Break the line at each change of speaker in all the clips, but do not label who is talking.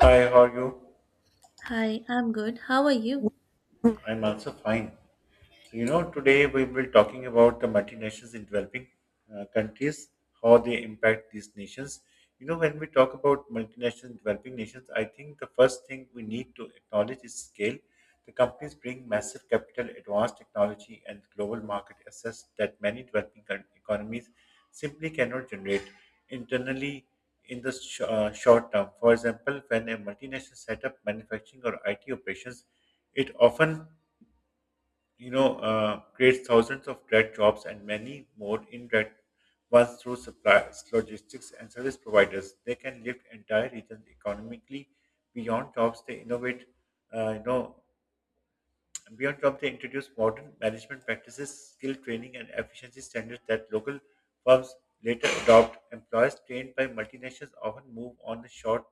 Hi, how are you?
Hi, I'm good. How are you?
I'm also fine. So, today we will be talking about the multinationals in developing countries, how they impact these nations. You know, when we talk about multinationals in developing nations, I think the first thing we need to acknowledge is scale. The companies bring massive capital, advanced technology, and global market access that many economies simply cannot generate internally in the short term. For example, when a multinational set up manufacturing or IT operations, it often creates thousands of direct jobs and many more indirect ones through suppliers, logistics, and service providers. They can lift entire regions economically beyond jobs. They innovate, uh, you know, Beyond job, they introduce modern management practices, skill training, and efficiency standards that local firms later adopt. Employers trained by multinationals often move on the short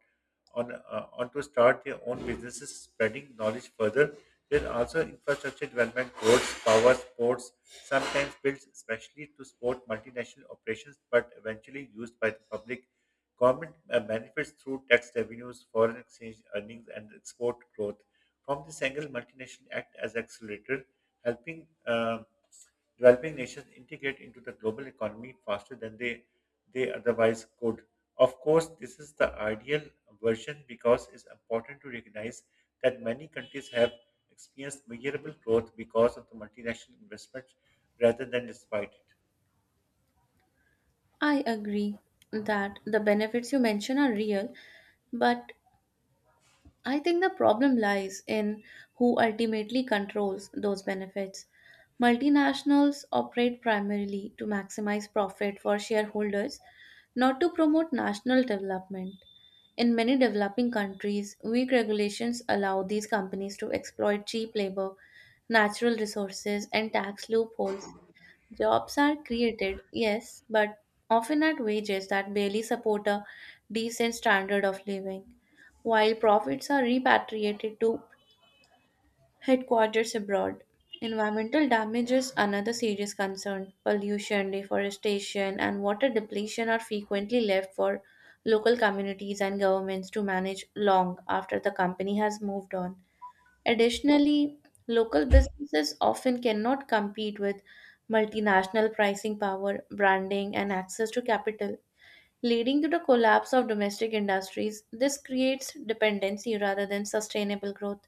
on, uh, on to start their own businesses, spreading knowledge further. There's also infrastructure development, roads, power, sports, sometimes built especially to support multinational operations, but eventually used by the public. Government benefits through tax revenues, foreign exchange earnings, and export growth. From this angle, multinations act as accelerator, helping developing nations integrate into the global economy faster than they otherwise could. Of course, this is the ideal version because it's important to recognize that many countries have experienced measurable growth because of the multinational investment rather than despite it.
I agree that the benefits you mention are real, but I think the problem lies in who ultimately controls those benefits. Multinationals operate primarily to maximize profit for shareholders, not to promote national development. In many developing countries, weak regulations allow these companies to exploit cheap labor, natural resources, and tax loopholes. Jobs are created, yes, but often at wages that barely support a decent standard of living, while profits are repatriated to headquarters abroad. Environmental damage is another serious concern. Pollution, deforestation, and water depletion are frequently left for local communities and governments to manage long after the company has moved on. Additionally, local businesses often cannot compete with multinational pricing power, branding, and access to capital, leading to the collapse of domestic industries. This creates dependency rather than sustainable growth.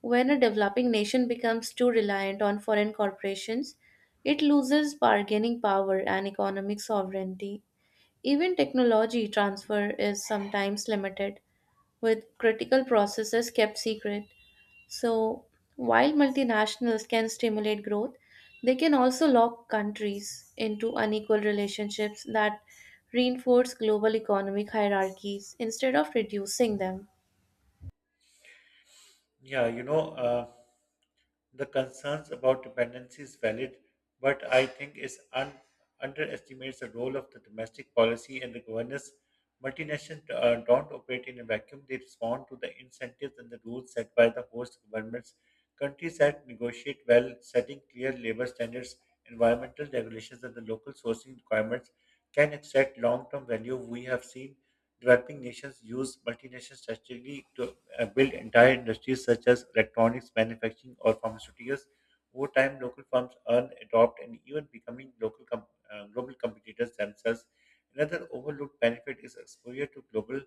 When a developing nation becomes too reliant on foreign corporations, it loses bargaining power and economic sovereignty. Even technology transfer is sometimes limited, with critical processes kept secret. So, while multinationals can stimulate growth, they can also lock countries into unequal relationships that reinforce global economic hierarchies instead of reducing them.
Yeah, you know, uh, The concerns about dependency is valid, but I think underestimates the role of the domestic policy and the governance. Multinationals don't operate in a vacuum. They respond to the incentives and the rules set by the host governments. Countries that negotiate well, setting clear labor standards, environmental regulations, and the local sourcing requirements, can extract long-term value. We have seen developing nations use multinational strategy to build entire industries such as electronics, manufacturing, or pharmaceuticals. Over time, local firms earn, adopt, and even becoming global competitors themselves. Another overlooked benefit is exposure to global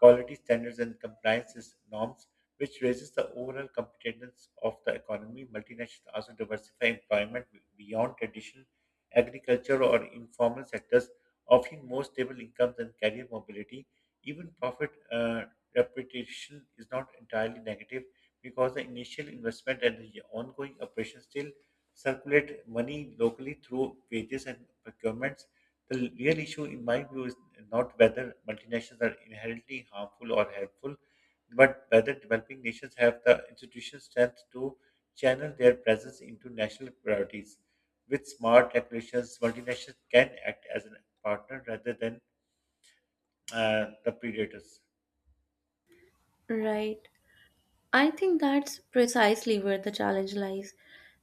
quality standards and norms, which raises the overall competitiveness of the economy. Multinationals also diversify beyond traditional agriculture or informal sectors, offering more stable incomes and career mobility. Even profit reputation is not entirely negative because the initial investment and the ongoing operations still circulate money locally through wages and procurements. The real issue, in my view, is not whether multinationals are inherently harmful or helpful, but whether developing nations have the institutional strength to channel their presence into national priorities. With smart regulations, multinationals can act as a partner rather than the predators.
Right. I think that's precisely where the challenge lies.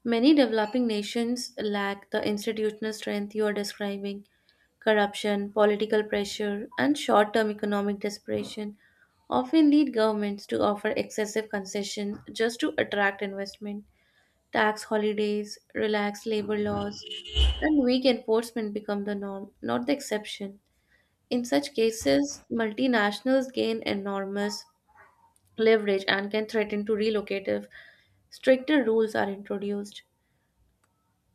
Many developing nations lack the institutional strength you are describing. Corruption, political pressure, and short term economic desperation often lead governments to offer excessive concessions just to attract investment. Tax holidays, relaxed labor laws, and weak enforcement become the norm, not the exception. In such cases, multinationals gain enormous leverage and can threaten to relocate if stricter rules are introduced.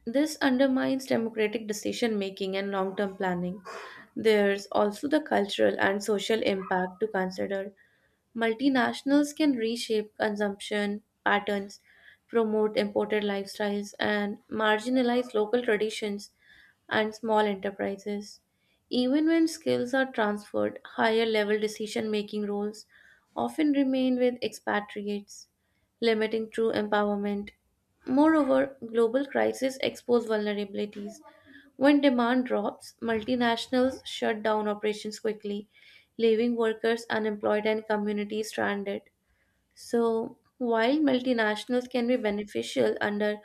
This undermines democratic decision making and long term planning. There's also the cultural and social impact to consider. Multinationals can reshape consumption patterns, promote imported lifestyles, and marginalize local traditions and small enterprises. Even when skills are transferred, higher level decision making roles often remain with expatriates, limiting true empowerment. Moreover, global crises expose vulnerabilities when demand drops; multinationals shut down operations quickly, leaving workers unemployed and communities stranded. So, while multinationals can be beneficial under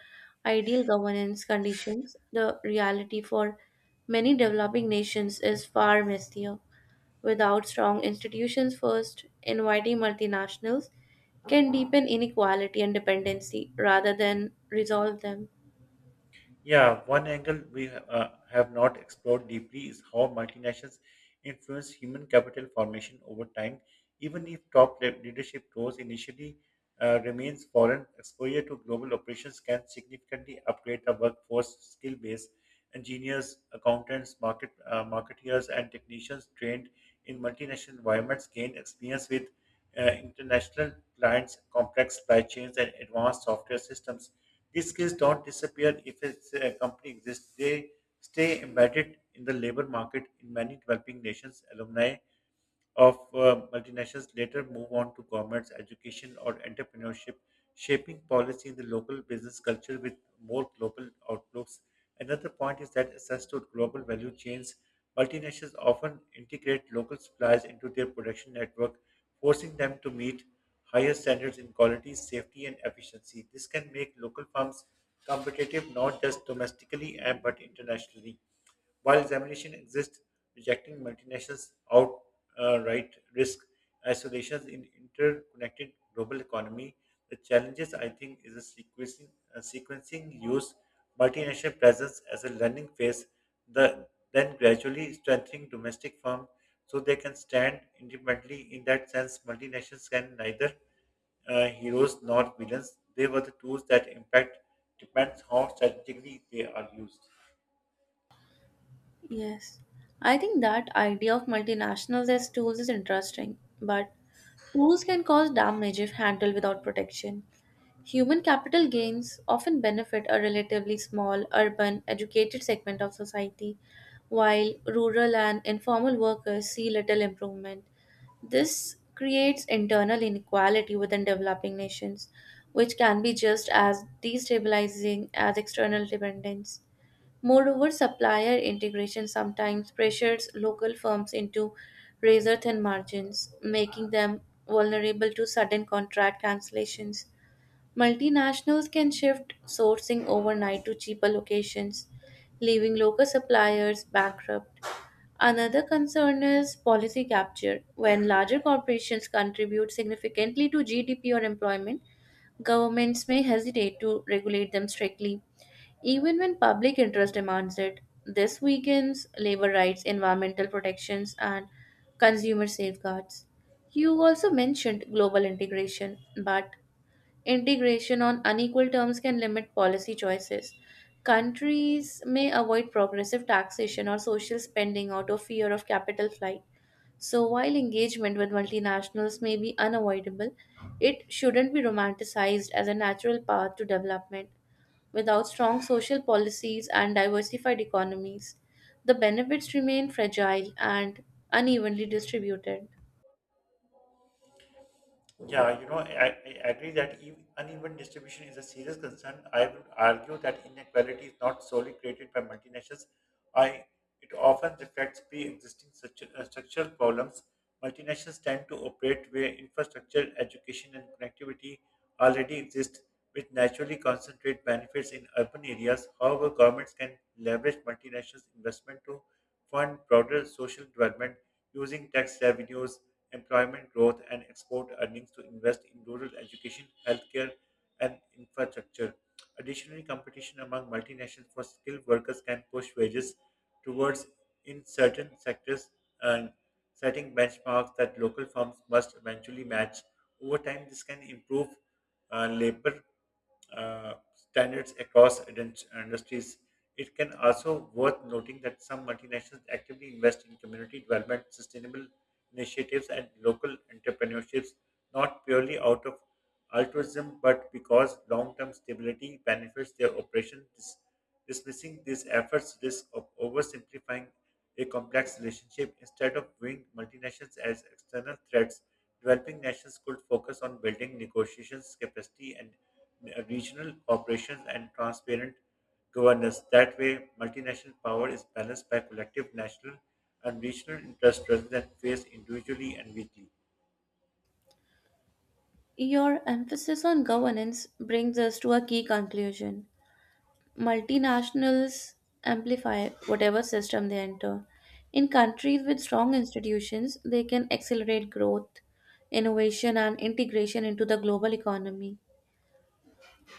ideal governance conditions, the reality for many developing nations is far messier. Without strong institutions first, inviting multinationals can deepen inequality and dependency rather than resolve them.
Yeah, one angle we have not explored deeply is how multinationals influence human capital formation over time. Even if leadership roles initially remains foreign, exposure to global operations can significantly upgrade the workforce skill base. Engineers, accountants, marketeers, and technicians trained in multinational environments gain experience with international clients, complex supply chains, and advanced software systems. These skills don't disappear if a company exists. They stay embedded in the labor market in many developing nations. Alumni of multinationals later move on to governments, education, or entrepreneurship, shaping policy in the local business culture with more global outlooks. Another point is that access to global value chains. Multinationals often integrate local suppliers into their production network forcing them to meet higher standards in quality, safety, and efficiency. This can make local firms competitive not just domestically but internationally. While examination exists, rejecting multinationals outright risk isolations in interconnected global economy. The challenges, I think, is a sequencing use multinational presence as a learning phase, the, then gradually strengthening domestic firm so they can stand independently. In that sense, multinationals can neither heroes nor villains. They were the tools that impact depends how strategically they are used.
Yes. I think that idea of multinationals as tools is interesting, but tools can cause damage if handled without protection. Human capital gains often benefit a relatively small, urban, educated segment of society, while rural and informal workers see little improvement. This creates internal inequality within developing nations, which can be just as destabilizing as external dependence. Moreover, supplier integration sometimes pressures local firms into razor thin margins, making them vulnerable to sudden contract cancellations. Multinationals can shift sourcing overnight to cheaper locations, leaving local suppliers bankrupt. Another concern is policy capture. When larger corporations contribute significantly to GDP or employment, governments may hesitate to regulate them strictly even when public interest demands it. This weakens labor rights, environmental protections, and consumer safeguards. You also mentioned global integration, but integration on unequal terms can limit policy choices. Countries may avoid progressive taxation or social spending out of fear of capital flight. So, while engagement with multinationals may be unavoidable, it shouldn't be romanticized as a natural path to development. Without strong social policies and diversified economies, the benefits remain fragile and unevenly distributed.
Yeah, you know, I, I agree that uneven distribution is a serious concern. I would argue that inequality is not solely created by multinationals. I It often reflects pre-existing structural problems. Multinationals tend to operate where infrastructure, education, and connectivity already exist, which naturally concentrate benefits in urban areas. However, governments can leverage multinationals' investment to fund broader social development using tax revenues employment growth, and export earnings to invest in rural education, healthcare, and infrastructure. Additionally, competition among multinationals for skilled workers can push wages towards in certain sectors and setting benchmarks that local firms must eventually match. Over time, this can improve labor standards across industries. It can also worth noting that some multinationals actively invest in community development, sustainable initiatives, and local entrepreneurships, not purely out of altruism, but because long-term stability benefits their operation. Dismissing these efforts risks of oversimplifying a complex relationship instead of viewing multinationals as external threats. Developing nations could focus on building negotiations capacity and regional operations and transparent governance. That way, multinational power is balanced by collective national and regional interests rather than faced individually and weakly.
Your emphasis on governance brings us to a key conclusion. Multinationals amplify whatever system they enter. In countries with strong institutions, they can accelerate growth, innovation, and integration into the global economy.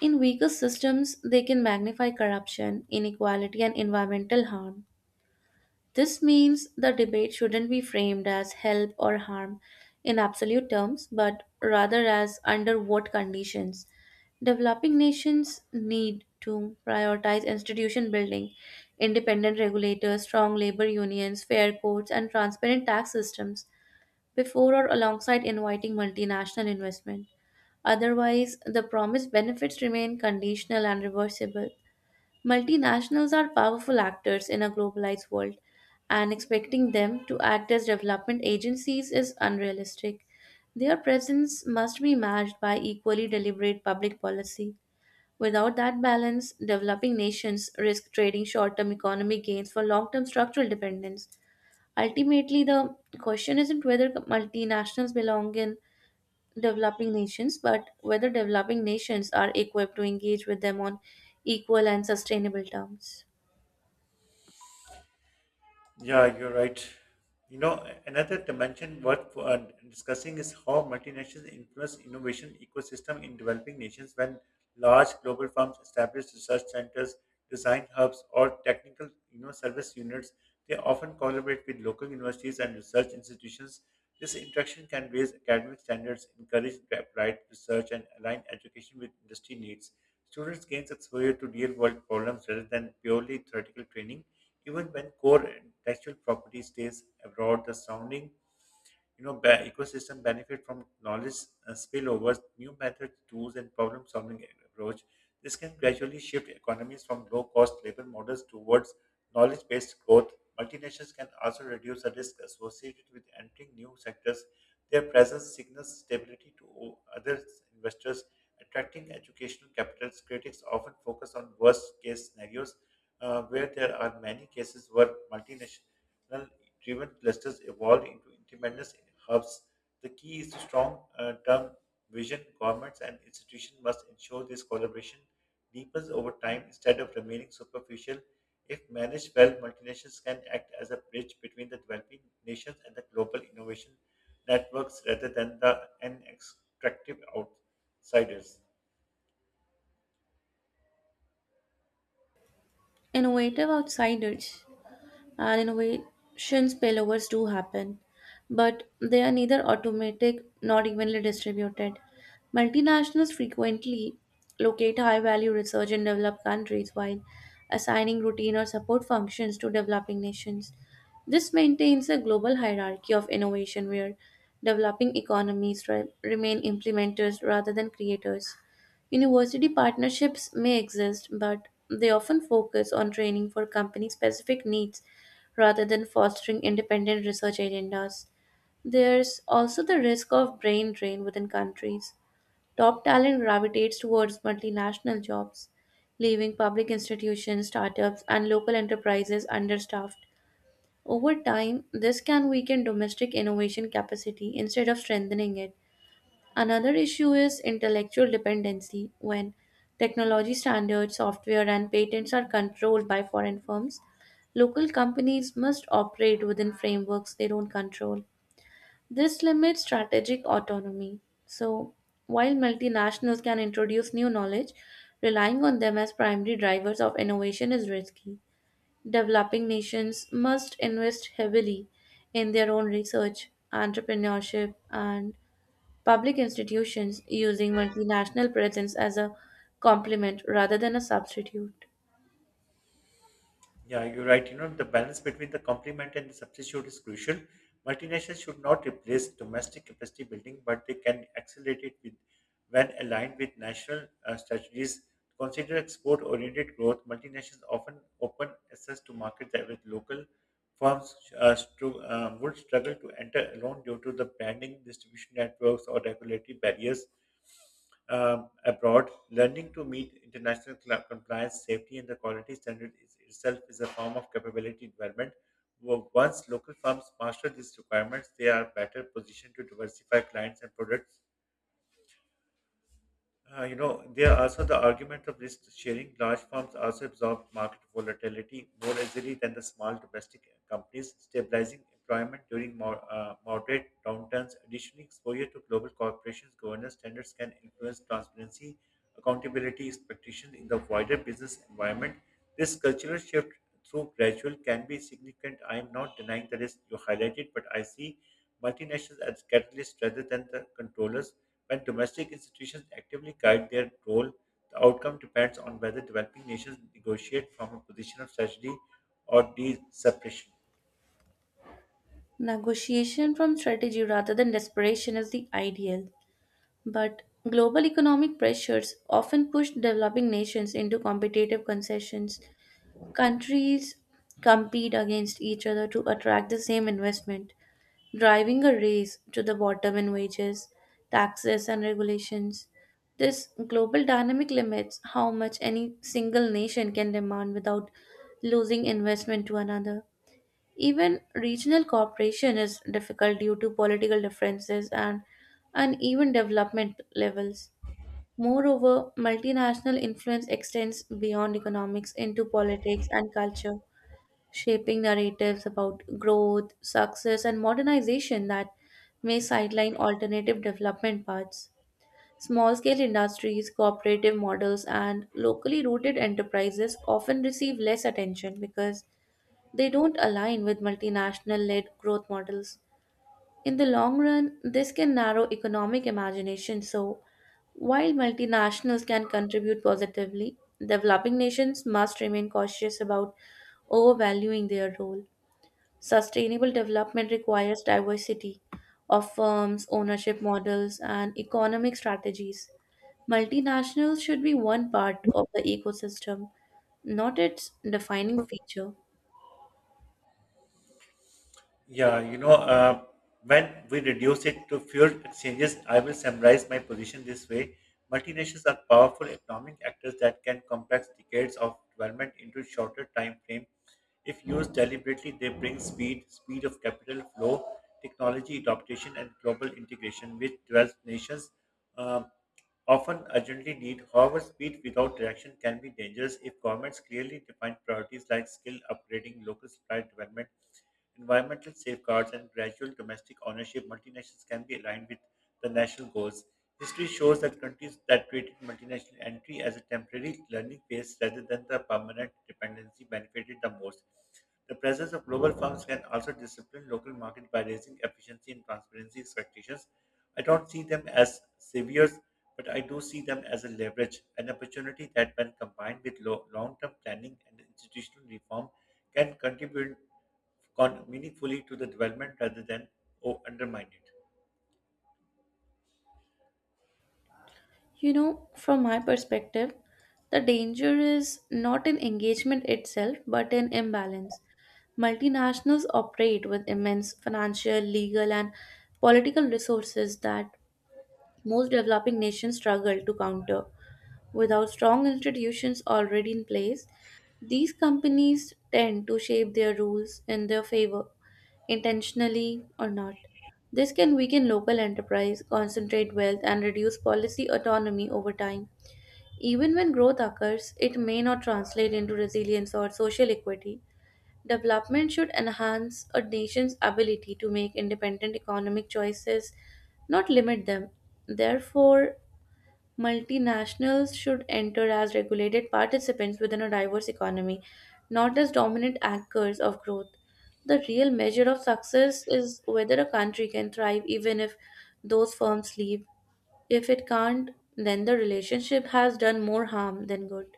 In weaker systems, they can magnify corruption, inequality, and environmental harm. This means the debate shouldn't be framed as help or harm in absolute terms, but rather as under what conditions. Developing nations need to prioritize institution building, independent regulators, strong labor unions, fair courts, and transparent tax systems before or alongside inviting multinational investment. Otherwise, the promised benefits remain conditional and reversible. Multinationals are powerful actors in a globalized world, and expecting them to act as development agencies is unrealistic. Their presence must be matched by equally deliberate public policy. Without that balance, developing nations risk trading short term economic gains for long term structural dependence. Ultimately, the question isn't whether multinationals belong in developing nations, but whether developing nations are equipped to engage with them on equal and sustainable terms.
Yeah, you're right. You know, another dimension worth discussing is how multinationals influence innovation ecosystem in developing nations when large global firms establish research centers, design hubs, or technical, you know, service units. They often collaborate with local universities and research institutions. This interaction can raise academic standards, encourage applied research, and align education with industry needs. Students gain exposure to real-world problems rather than purely theoretical training even when core intellectual property stays abroad, the surrounding ecosystem benefit from knowledge spillovers, new methods, tools, and problem-solving approach. This can gradually shift economies from low-cost labor models towards knowledge-based growth. Multinationals can also reduce the risk associated with entering new sectors. Their presence signals stability to other investors. Attracting educational capitals, critics often focus on worst-case scenarios, where there are many cases where multinational driven clusters evolve into independent hubs. The key is to strong term vision. Governments and institutions must ensure this collaboration deepens over time instead of remaining superficial. If managed well, multinationals can act as a bridge between the developing nations and the global innovation networks rather than the an extractive outsiders.
Innovative outsiders and innovation spillovers do happen, but they are neither automatic nor evenly distributed. Multinationals frequently locate high value research in developed countries while assigning routine or support functions to developing nations. This maintains a global hierarchy of innovation where developing economies remain implementers rather than creators. University partnerships may exist, but they often focus on training for company specific needs rather than fostering independent research agendas. There's also the risk of brain drain within countries. Top talent gravitates towards multinational jobs, leaving public institutions, startups, and local enterprises understaffed. Over time, this can weaken domestic innovation capacity instead of strengthening it. Another issue is intellectual dependency when technology standards, software, and patents are controlled by foreign firms. Local companies must operate within frameworks they don't control. This limits strategic autonomy. So, while multinationals can introduce new knowledge, relying on them as primary drivers of innovation is risky. Developing nations must invest heavily in their own research, entrepreneurship, and public institutions, using multinational presence as a complement rather than a substitute.
Yeah, you're right. You know, the balance between the complement and the substitute is crucial. Multinationals should not replace domestic capacity building, but they can accelerate it with, when aligned with national strategies. Consider export-oriented growth. Multinationals often open access to markets that with local firms would struggle to enter alone due to the branding, distribution networks, or regulatory barriers abroad, learning to meet international compliance, safety, and the quality standard is, itself is a form of capability development. Once local firms master these requirements, they are better positioned to diversify clients and products there are also the argument of risk sharing. Large firms also absorb market volatility more easily than the small domestic companies, stabilizing employment during moderate downturns. Additionally, exposure to global corporations' governance standards can influence transparency, accountability expectations in the wider business environment. This cultural shift through gradual can be significant. I am not denying the risk you highlighted, but I see multinationals as catalysts rather than the controllers when domestic institutions actively guide their role, the outcome depends on whether developing nations negotiate from a position of strategy or de-separation.
Negotiation from strategy rather than desperation is the ideal, but global economic pressures often push developing nations into competitive concessions. Countries compete against each other to attract the same investment, driving a race to the bottom in wages, taxes, and regulations. This global dynamic limits how much any single nation can demand without losing investment to another. Even regional cooperation is difficult due to political differences and uneven development levels. Moreover, multinational influence extends beyond economics into politics and culture, shaping narratives about growth, success, and modernization that may sideline alternative development paths. Small scale industries, cooperative models, and locally rooted enterprises often receive less attention because they don't align with multinational led growth models. In the long run, this can narrow economic imagination. So, while multinationals can contribute positively, developing nations must remain cautious about overvaluing their role. Sustainable development requires diversity of firms, ownership models, and economic strategies. Multinationals should be one part of the ecosystem, not its defining feature.
Yeah, you know, uh, when we reduce it to fuel exchanges, I will summarize my position this way. Multinationals are powerful economic actors that can compress decades of development into shorter time frame. If used deliberately, they bring speed, speed of capital flow, technology adoption, and global integration, which developed nations um, often urgently need. However, speed without direction can be dangerous if governments clearly define priorities like skill upgrading, local supply development, Environmental safeguards and gradual domestic ownership multinationals can be aligned with the national goals. History shows that countries that treated multinational entry as a temporary learning phase rather than the permanent dependency benefited the most. The presence of global firms can also discipline local markets by raising efficiency and transparency expectations. I don't see them as saviors but I do see them as a leverage, an opportunity that, when combined with long-term planning and institutional reform, can contribute meaningfully to the development rather than undermine it.
You know, from my perspective, the danger is not in engagement itself, but in imbalance. Multinationals operate with immense financial, legal, and political resources that most developing nations struggle to counter. Without strong institutions already in place, these companies tend to shape their rules in their favor, intentionally or not. This can weaken local enterprise, concentrate wealth, and reduce policy autonomy over time. Even when growth occurs, it may not translate into resilience or social equity. Development should enhance a nation's ability to make independent economic choices, not limit them. Therefore, multinationals should enter as regulated participants within a diverse economy, not as dominant anchors of growth. The real measure of success is whether a country can thrive even if those firms leave. If it can't, then the relationship has done more harm than good.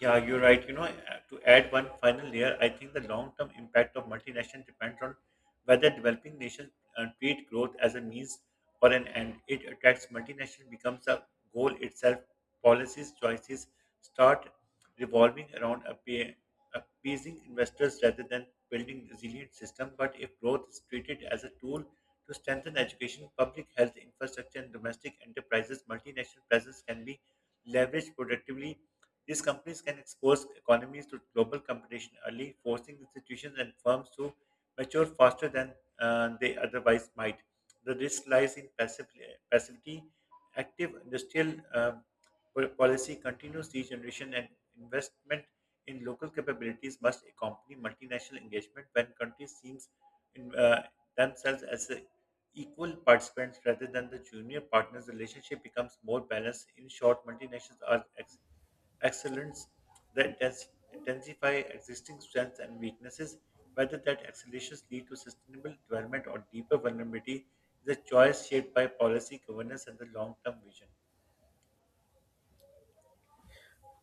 Yeah, you're right. To add one final layer, I think the long-term impact of multinational depends on whether developing nations treat growth as a means or an end. It attracts multinational becomes a goal itself. Policies choices start revolving around appeasing investors rather than building resilient system. But if growth is treated as a tool to strengthen education, public health infrastructure, and domestic enterprises, multinational presence can be leveraged productively these companies can expose economies to global competition early, forcing institutions and firms to mature faster than they otherwise might. The risk lies in passivity. Active industrial um, policy continues regeneration and investment in local capabilities must accompany multinational engagement when countries seem in, uh, themselves as a equal participants rather than the junior partners, the relationship becomes more balanced. In short, multinationals are excellence that intensify existing strengths and weaknesses. Whether that accelerations lead to sustainable development or deeper vulnerability is a choice shaped by policy, governance, and the long term vision.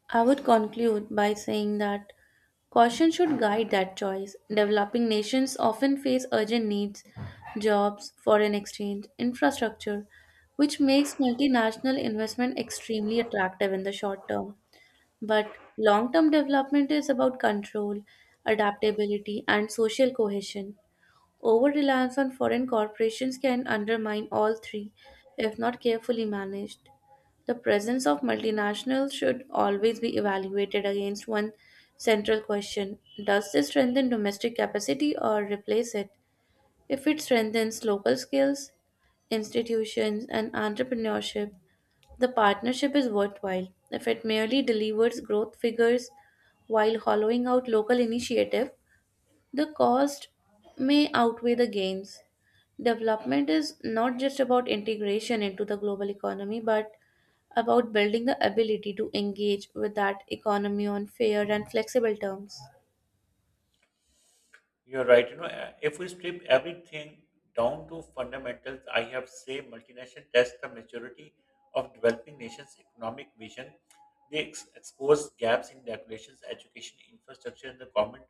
I would conclude by saying that caution should guide that choice. Developing nations often face urgent needs: jobs, foreign exchange, infrastructure, which makes multinational investment extremely attractive in the short term. But long term development is about control, adaptability, and social cohesion. Over reliance on foreign corporations can undermine all three if not carefully managed. The presence of multinationals should always be evaluated against one central question: does this strengthen domestic capacity or replace it? If it strengthens local skills, institutions, and entrepreneurship, the partnership is worthwhile. If it merely delivers growth figures while hollowing out local initiative, the cost may outweigh the gains. Development is not just about integration into the global economy, but about building the ability to engage with that economy on fair and flexible terms.
You're right. If we strip everything down to fundamentals, I have say multinational test the maturity of developing nations' economic vision. They expose gaps in regulations, education, infrastructure, and the government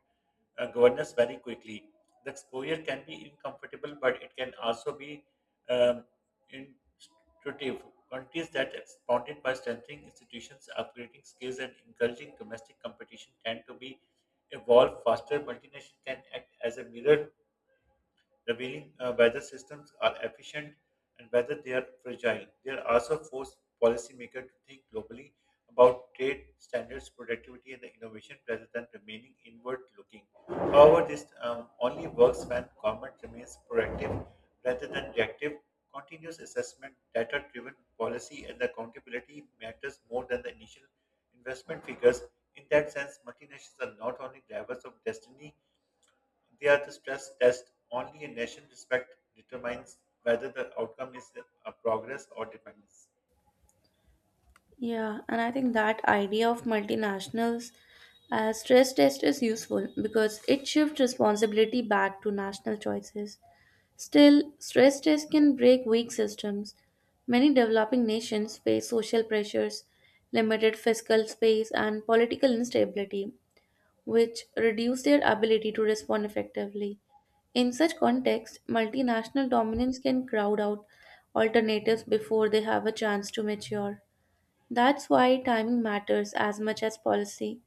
governance very quickly. The exposure can be uncomfortable, but it can also be um, instructive. Countries that expanded by strengthening institutions, upgrading skills, and encouraging domestic competition tend to be evolve faster, multinationals can act as a mirror the revealing whether systems are efficient and whether they are fragile. They are also force policymakers to think globally about trade standards, productivity, and the innovation rather than remaining inward looking. However, this only works when government remains proactive rather than reactive. Continuous assessment, data driven policy, and the accountability matters more than the initial investment figures. In that sense, multinationals are not only drivers of destiny they are the stress test. Only a nation respect determines whether the outcome is a progress or dependence.
Yeah, and I think that idea of multinationals as stress test is useful because it shifts responsibility back to national choices. Still, stress tests can break weak systems. Many developing nations face social pressures, limited fiscal space, and political instability, which reduce their ability to respond effectively. In such context, multinational dominance can crowd out alternatives before they have a chance to mature. That's why timing matters as much as policy.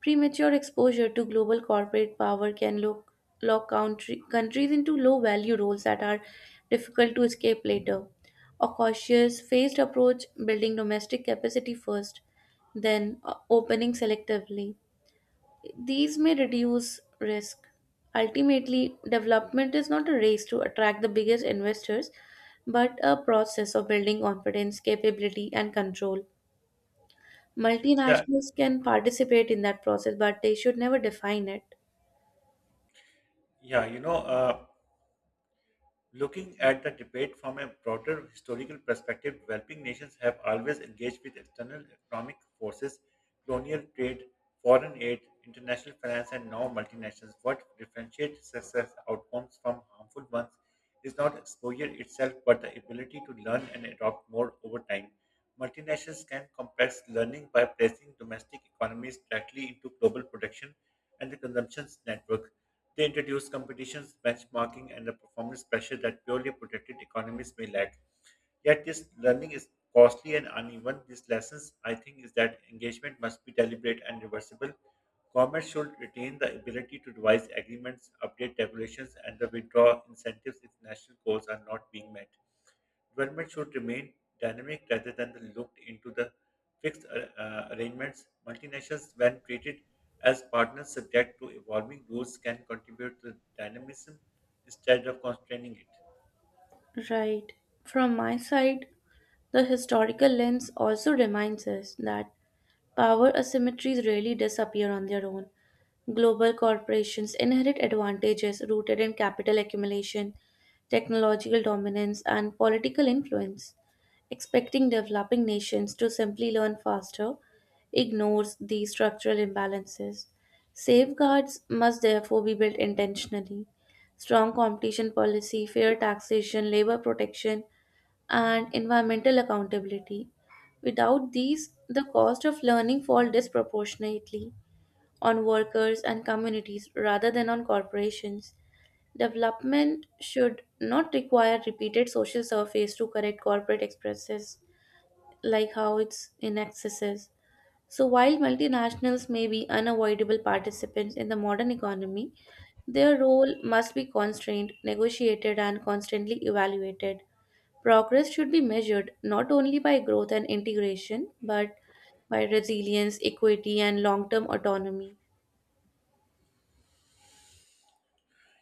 Premature exposure to global corporate power can lock countries into low value roles that are difficult to escape later. A cautious, phased approach, building domestic capacity first, then opening selectively. These may reduce risk. Ultimately, development is not a race to attract the biggest investors, but a process of building confidence, capability, and control.
Yeah,
Multinationals can participate in that process, but they should never define it.
yeah, looking at the debate from a broader historical perspective, developing nations have always engaged with external economic forces, colonial trade, foreign aid, international finance, and now multinationals. What differentiates success outcomes from harmful ones is not exposure itself, but the ability to learn and adopt more over time. Multinationals can compress learning by placing domestic economies directly into global production and the consumption network. They introduced competitions, benchmarking, and a performance pressure that purely protected economies may lack. Yet this learning is costly and uneven. These lessons, I think, is that engagement must be deliberate and reversible. Governments should retain the ability to devise agreements, update regulations, and the withdraw incentives if national goals are not being met. Development should remain dynamic rather than the looked into the fixed arrangements. Multinationals, when treated as partners subject to evolving rules, can contribute to dynamism instead of constraining it.
Right. From my side, the historical lens also reminds us that power asymmetries rarely disappear on their own. Global corporations inherit advantages rooted in capital accumulation, technological dominance, and political influence. Expecting developing nations to simply learn faster ignores these structural imbalances. Safeguards must therefore be built intentionally: strong competition policy, fair taxation, labor protection, and environmental accountability. Without these, the cost of learning falls disproportionately on workers and communities rather than on corporations. Development should not require repeated social surveys to correct corporate excesses, like how it's in excesses. So, while multinationals may be unavoidable participants in the modern economy, their role must be constrained, negotiated, and constantly evaluated. Progress should be measured not only by growth and integration, but by resilience, equity, and long term autonomy.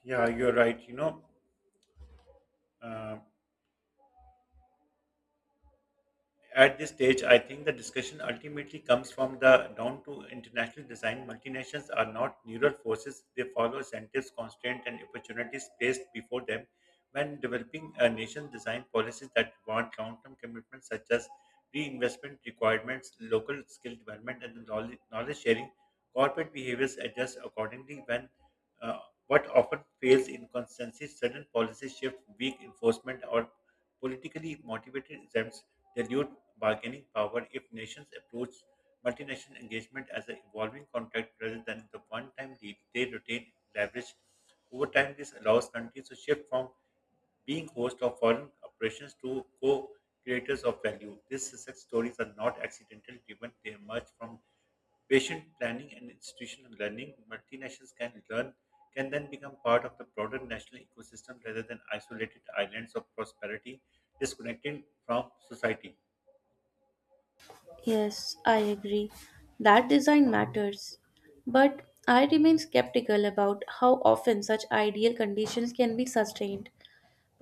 Yeah, you're right. Um, at this stage, I think the discussion ultimately comes from the down to international design. Multinationals are not neural forces, they follow incentives, constraints, and opportunities placed before them. When developing a nation design policies that want long term commitments such as reinvestment requirements, local skill development, and the knowledge sharing, corporate behaviors adjust accordingly. When uh, what often fails in consistency, sudden policy shift, weak enforcement, or politically motivated renewed bargaining power if nations approach multinational engagement as an evolving contract rather than the one-time deal they retain leverage. Over time, this allows countries to shift from being host of foreign operations to co-creators of value. These success stories are not accidental driven. They emerge from patient planning and institutional learning. Multinationals can learn can then become part of the broader national ecosystem rather than isolated islands of prosperity disconnected from society.
Yes, I agree that design matters. But I remain skeptical about how often such ideal conditions can be sustained.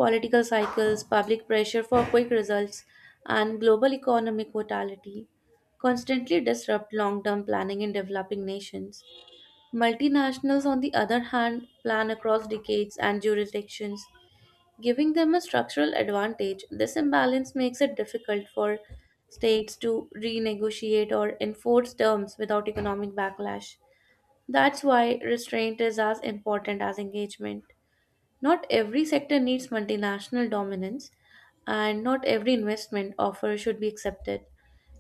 Political cycles, public pressure for quick results, and global economic volatility constantly disrupt long term planning in developing nations. Multinationals, on the other hand, plan across decades and jurisdictions, giving them a structural advantage. This imbalance makes it difficult for states to renegotiate or enforce terms without economic backlash. That's why restraint is as important as engagement. Not every sector needs multinational dominance, and not every investment offer should be accepted.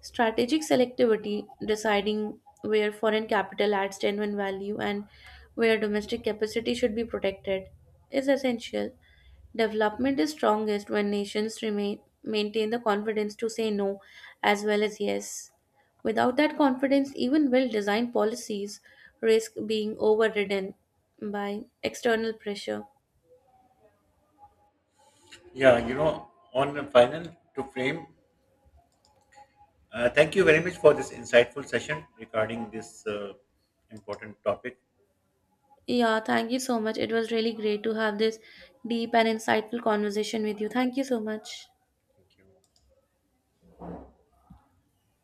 Strategic selectivity, deciding where foreign capital adds genuine value and where domestic capacity should be protected, is essential. Development is strongest when nations remain maintain the confidence to say no as well as yes. Without that confidence, even well-designed policies risk being overridden by external pressure.
Yeah, you know, on the final to frame, thank you very much for this insightful session regarding this important topic.
Yeah, thank you so much. It was really great to have this deep and insightful conversation with you. Thank you so much.
Thank you.